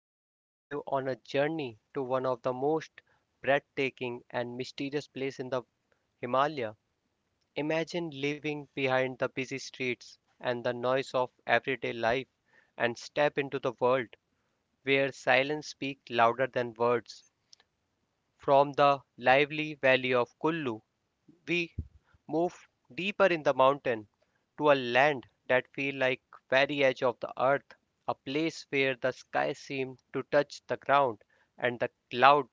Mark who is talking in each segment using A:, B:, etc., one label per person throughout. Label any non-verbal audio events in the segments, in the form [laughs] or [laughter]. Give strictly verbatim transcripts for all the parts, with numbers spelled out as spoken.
A: we are taking you on a journey to one of the most breathtaking and mysterious places in the Himalaya. Imagine living behind the busy streets and the noise of everyday life and step into the world where silence speaks louder than words. From the lively valley of Kullu we move deeper in the mountain to a land that feel like very edge of the earth, a place where the sky seemed to touch the ground and the cloud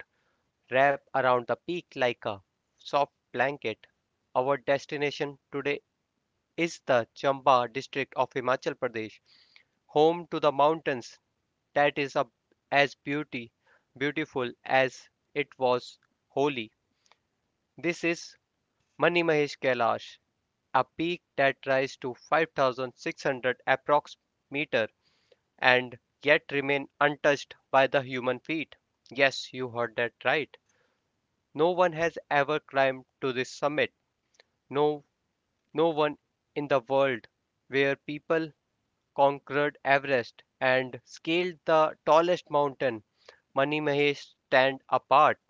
A: wrap around the peak like a soft blanket. Our destination today is the Chamba district of Himachal Pradesh, home to the mountains that is a, as beauty beautiful as it was holy. This is Mani Mahesh Kailash, a peak that rises to five thousand six hundred approx meter and yet remain untouched by the human feet. Yes, you heard that right. No one has ever climbed to this summit. No, no one in the world where people conquered Everest and scaled the tallest mountain. Mani Mahesh stand apart.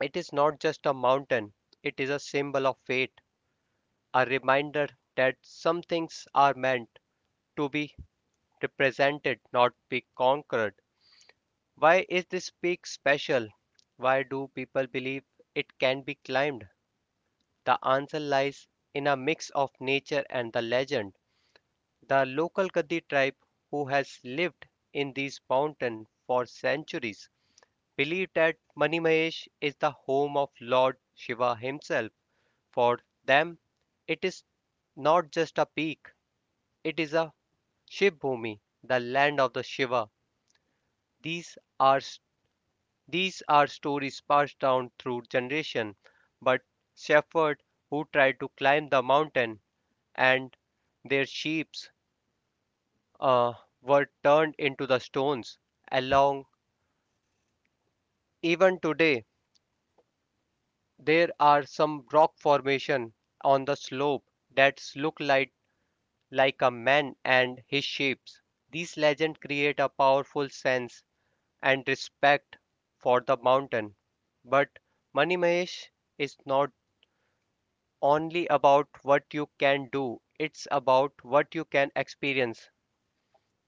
A: It is not just a mountain. It is a symbol of fate, a reminder that some things are meant to be represented, not be conquered. Why is this peak special? Why do people believe it can be climbed? The answer lies in a mix of nature and the legend. The local Gadi tribe, who has lived in these mountains for centuries, believe that Manimahesh is the home of Lord Shiva himself. For them, it is not just a peak, it is a Shiv the land of the Shiva. These are these are stories passed down through generation. But shepherd who tried to climb the mountain and their sheep uh, were turned into the stones. Along even today there are some rock formation on the slope that look like like a man and his sheep. These legends create a powerful sense and respect for the mountain. But Money Mahesh is not only about what you can do, it's about what you can experience.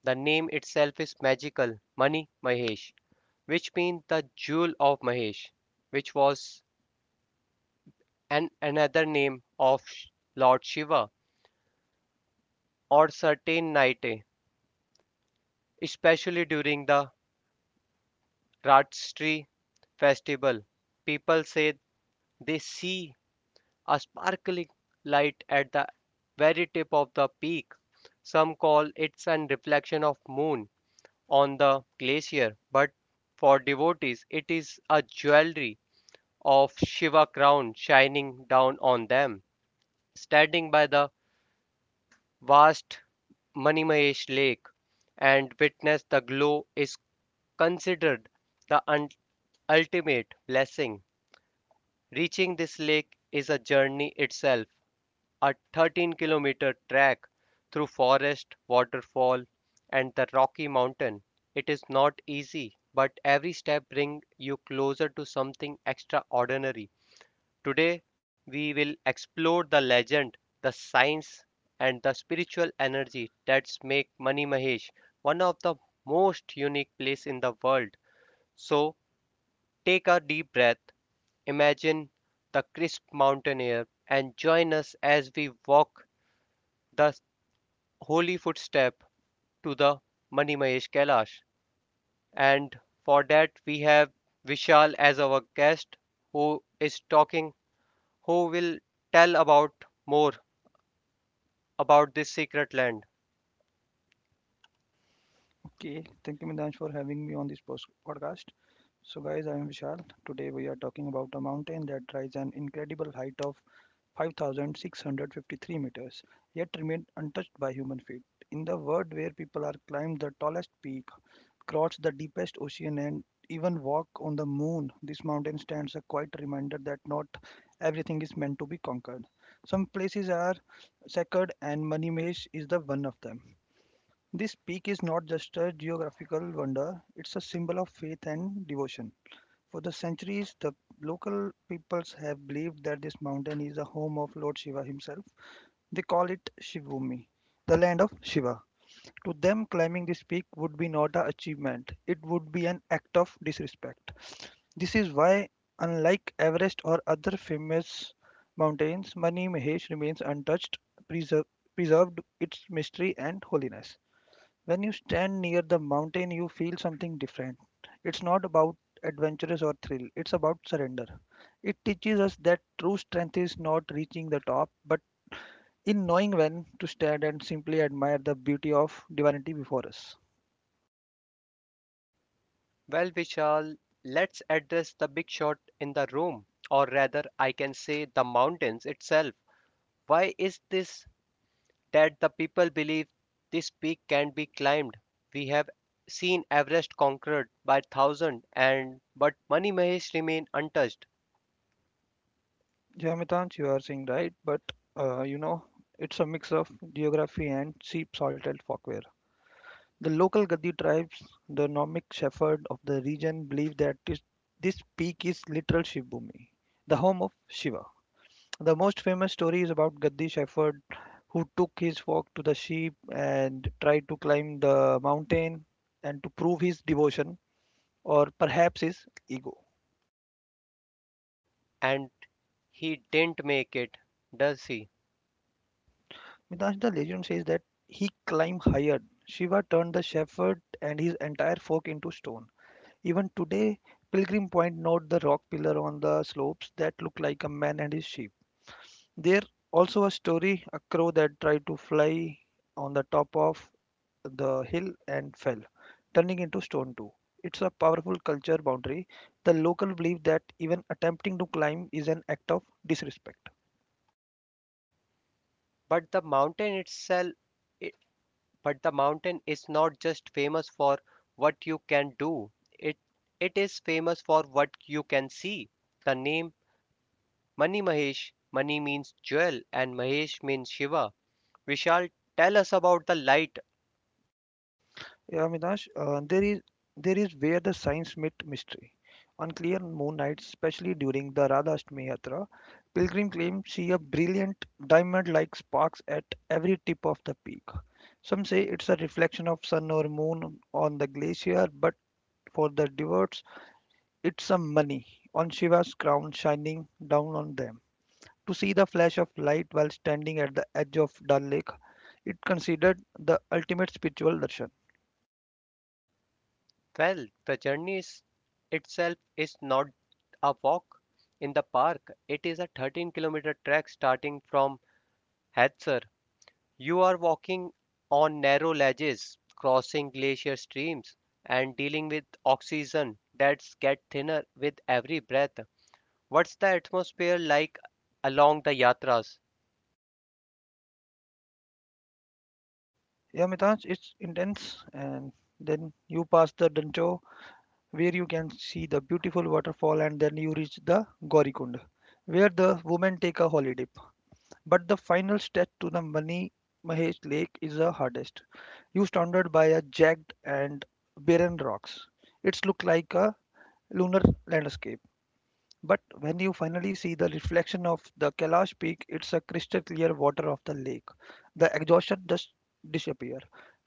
A: The name itself is magical, Money Mahesh, which means the jewel of Mahesh, which was an another name of Lord Shiva or certain night, especially during the Ratri festival. People say they see a sparkling light at the very tip of the peak. Some call it an reflection of moon on the glacier, but for devotees it is a jewelry of Shiva crown shining down on them. Standing by the vast Manimayesh lake and witness the glow is considered the un- ultimate blessing. Reaching this lake is a journey itself, a thirteen-kilometer trek through forest, waterfall, and the Rocky Mountain. It is not easy, but every step brings you closer to something extraordinary. Today, we will explore the legend, the science, and the spiritual energy that make Mani Mahesh one of the most unique places in the world. So, take a deep breath, imagine the crisp mountain air, and join us as we walk the holy footstep to the Mani Kailash. And for that, we have Vishal as our guest who is talking, who will tell about more about this secret land.
B: Okay, thank you, Midansh, for having me on this post- podcast. So, guys, I am Vishal. Today we are talking about a mountain that rises an incredible height of five thousand six hundred fifty-three meters, yet remained untouched by human feet. In the world where people are climbed the tallest peak, crossed the deepest ocean, and even walk on the moon, this mountain stands a quiet reminder that not everything is meant to be conquered. Some places are sacred, and Manimesh is the one of them. This peak is not just a geographical wonder, it's a symbol of faith and devotion. For the centuries, the local peoples have believed that this mountain is the home of Lord Shiva himself. They call it Shivbhumi, the land of Shiva. To them, climbing this peak would be not an achievement, it would be an act of disrespect. This is why, unlike Everest or other famous mountains, Mani Mahesh remains untouched, preserve, preserved its mystery and holiness. When you stand near the mountain, you feel something different. It's not about adventures or thrill, it's about surrender. It teaches us that true strength is not reaching the top, but in knowing when to stand and simply admire the beauty of divinity before us.
A: Well, Vishal, let's address the big shot in the room, or rather, I can say the mountains itself. Why is this that the people believe this peak can be climbed? We have seen Everest conquered by thousands, and but Mani Mahesh remained untouched,
B: Jamitanch, you are saying right, but uh, you know, it's a mix of geography and sheep salted folkware. The local Gadi tribes, the nomadic shepherd of the region, believe that this, this peak is literal Shivbhumi, the home of Shiva. The most famous story is about Gaddi Shepherd, who took his flock to the sheep and tried to climb the mountain and to prove his devotion or perhaps his ego.
A: and he didn't make it, does he?
B: Midrash, the legend says that he climbed higher. Shiva turned the shepherd and his entire flock into stone. Even today, pilgrim point note the rock pillar on the slopes that look like a man and his sheep. There also a story a crow that tried to fly on the top of the hill and fell, turning into stone too. It's a powerful culture boundary. The local belief that even attempting to climb is an act of disrespect.
A: But the mountain itself, it, but the mountain is not just famous for what you can do. It it is famous for what you can see. The name Mani Mahesh, Mani means jewel, and Mahesh means Shiva. Vishal, tell us about the light.
B: Yeah, Minash, uh, there is there is where the science meet mystery. On clear moon nights, especially during the Radha Radhashtami Yatra, pilgrim claim see a brilliant diamond-like sparks at every tip of the peak. Some say it's a reflection of sun or moon on the glacier, but for the devout, it's some money on Shiva's crown shining down on them. To see the flash of light while standing at the edge of Dal Lake, it considered the ultimate spiritual darshan.
A: Well, the journey is, itself is not a walk in the park. It is a thirteen kilometer trek starting from Hadsar. You are walking on narrow ledges, crossing glacier streams, and dealing with oxygen that's get thinner with every breath. What's the atmosphere like along the yatras?
B: Yeah, Mitansh, it's intense. And then you pass the Dancho, where you can see the beautiful waterfall, and then you reach the Gaurikund, where the women take a holy dip. But the final stretch to the Mani Mahesh Lake is the hardest. You surrounded by a jagged and barren rocks. It's look like a lunar landscape. But when you finally see the reflection of the Kailash peak, it's a crystal clear water of the lake. The exhaustion just disappear.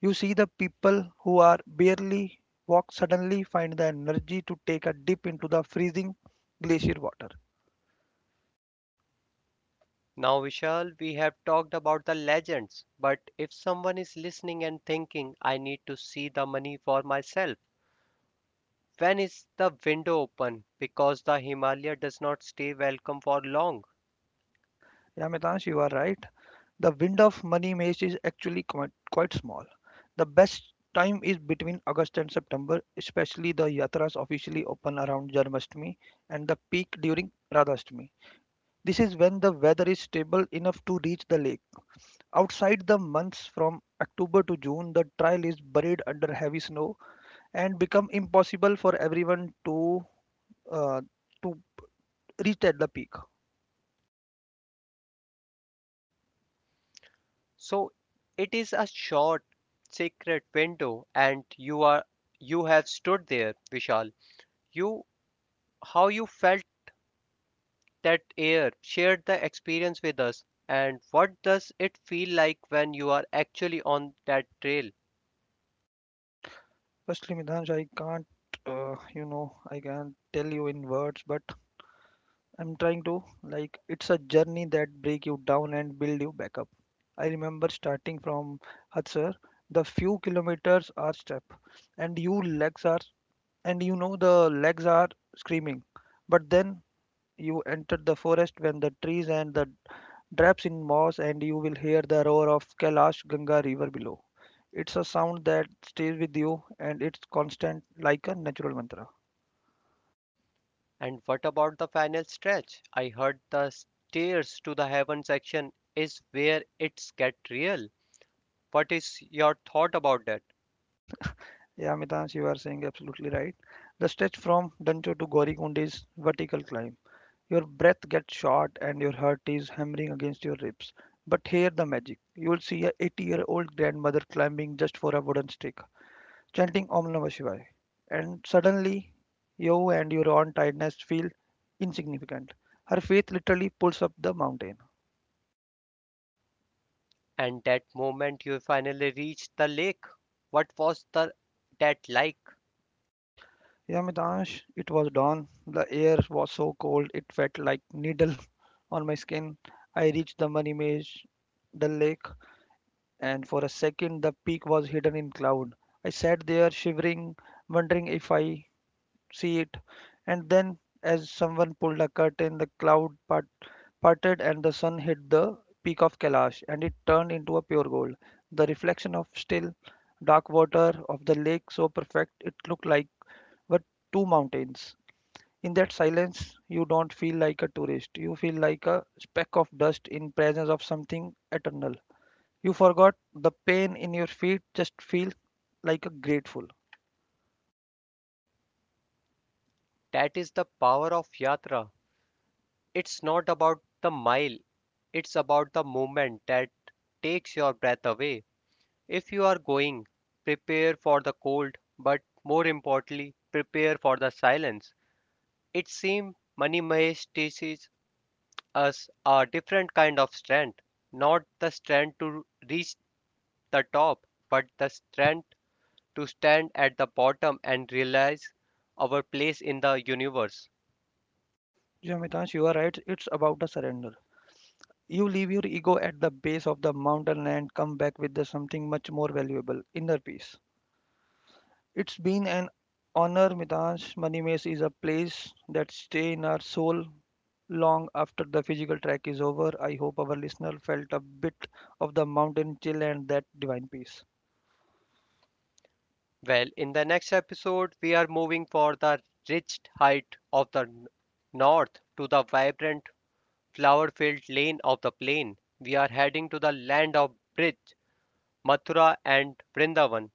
B: You see the people who are barely walk suddenly find the energy to take a dip into the freezing glacier water.
A: Now, Vishal, we have talked about the legends, but if someone is listening and thinking, I need to see the money for myself. When is the window open? Because the Himalaya does not stay welcome for long.
B: Yeah, Mitansh, you are right. The wind of money maze is actually quite, quite small. The best time is between August and September, especially the yatras officially open around Janmashtami and the peak during Radhashtami. This is when the weather is stable enough to reach the lake. Outside the months from October to June, the trail is buried under heavy snow and become impossible for everyone to uh, to reach at the peak.
A: So it is a short, sacred window, and you are you have stood there, Vishal. You How you felt that air, shared the experience with us, and what does it feel like when you are actually on that trail?
B: Firstly, Midanj, I can't, uh, you know, I can't tell you in words, but I'm trying to like it's a journey that break you down and build you back up. I remember starting from Hatsar, the few kilometers are step, and you legs are and you know the legs are screaming. But then you enter the forest when the trees and the drapes in moss and you will hear the roar of Kailash Ganga river below. It's a sound that stays with you and it's constant like a natural mantra.
A: And what about the final stretch? I heard the stairs to the heaven section is where it's get real. What is your thought about that?
B: [laughs] Yeah, Mitansh, you are saying absolutely right. The stretch from Dancho to Gaurikund is vertical climb. Your breath gets short and your heart is hammering against your ribs. But here the magic. You will see a eighty-year-old grandmother climbing just for a wooden stick, chanting Om Namah Shivaya. And suddenly, you and your own tiredness feel insignificant. Her faith literally pulls up the mountain.
A: And that moment you finally reached the lake. What was the that like?
B: Yeah, Mitansh, it was dawn. The air was so cold it felt like needle [laughs] on my skin. I reached the money maze, the lake, and for a second the peak was hidden in cloud. I sat there shivering, wondering if I see it. And then, as someone pulled a curtain, the cloud part, parted and the sun hit the peak of Kailash, and it turned into a pure gold. The reflection of still, dark water of the lake, so perfect, it looked like were two mountains. In that silence, you don't feel like a tourist. You feel like a speck of dust in presence of something eternal. You forgot the pain in your feet, just feel like a grateful.
A: That is the power of yatra. It's not about the mile, it's about the moment that takes your breath away. If you are going, prepare for the cold, but more importantly, prepare for the silence. It seems Mani Mahesh teaches us a different kind of strength, not the strength to reach the top, but the strength to stand at the bottom and realize our place in the universe.
B: Yeah, Mitansh, you are right. It's about a surrender. You leave your ego at the base of the mountain and come back with the something much more valuable inner peace. It's been an honor, Mitansh. Manimesh is a place that stays in our soul long after the physical trek is over. I hope our listener felt a bit of the mountain chill and that divine peace.
A: Well, in the next episode, we are moving for the ridged height of the north to the vibrant flower filled lane of the plain. We are heading to the land of bridge, Mathura, and Vrindavan.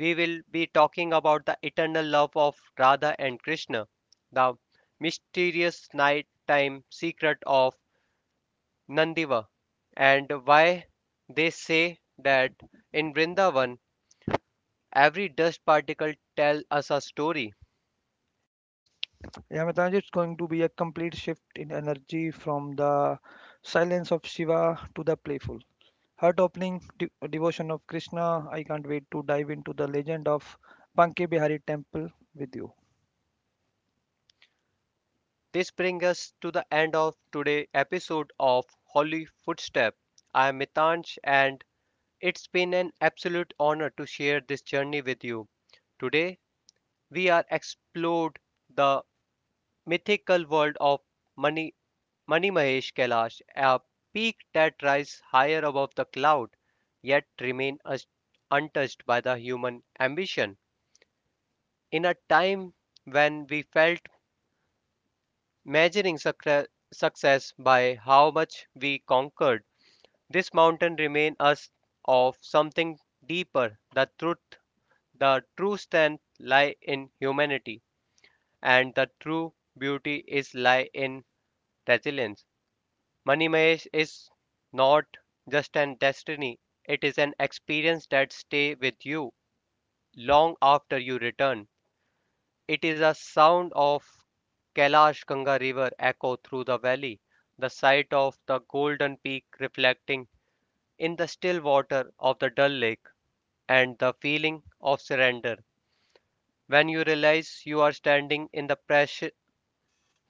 A: We will be talking about the eternal love of Radha and Krishna, the mysterious nighttime secret of Nandiva and why they say that in Vrindavan every dust particle tells us a story.
B: Yeah, Mitansh, it's going to be a complete shift in energy from the silence of Shiva to the playful, heart opening de- devotion of Krishna. I can't wait to dive into the legend of Banke Bihari Temple with you.
A: This brings us to the end of today's episode of Holy Footstep. I am Mitansh and it's been an absolute honor to share this journey with you. Today we are explored the mythical world of Mani, Mani Mahesh Kailash, a peak that rises higher above the cloud, yet remains untouched by the human ambition. In a time when we felt measuring succre- success by how much we conquered, this mountain reminds us of something deeper. The truth, the true strength lie in humanity, and the true beauty is lie in resilience. Money Mahesh is not just an destiny, it is an experience that stays with you long after you return. It is a sound of Kailash Ganga river echo through the valley, the sight of the golden peak reflecting in the still water of the dull lake, and the feeling of surrender when you realize you are standing in the pressure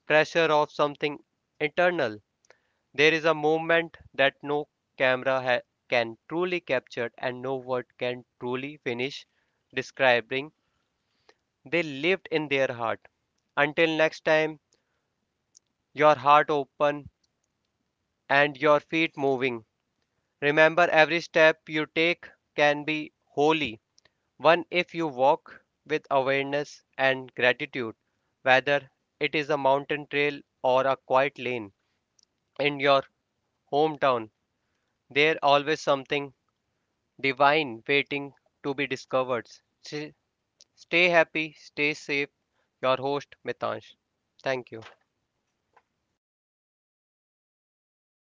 A: pressure of something eternal. There is a moment that no camera ha- can truly capture and no word can truly finish describing. They lived in their heart. Until next time, your heart open and your feet moving. Remember, every step you take can be holy. One if you walk with awareness and gratitude, whether it is a mountain trail or a quiet lane in your hometown. There always something divine waiting to be discovered. Stay happy, stay safe. Your host, Mitansh. Thank you.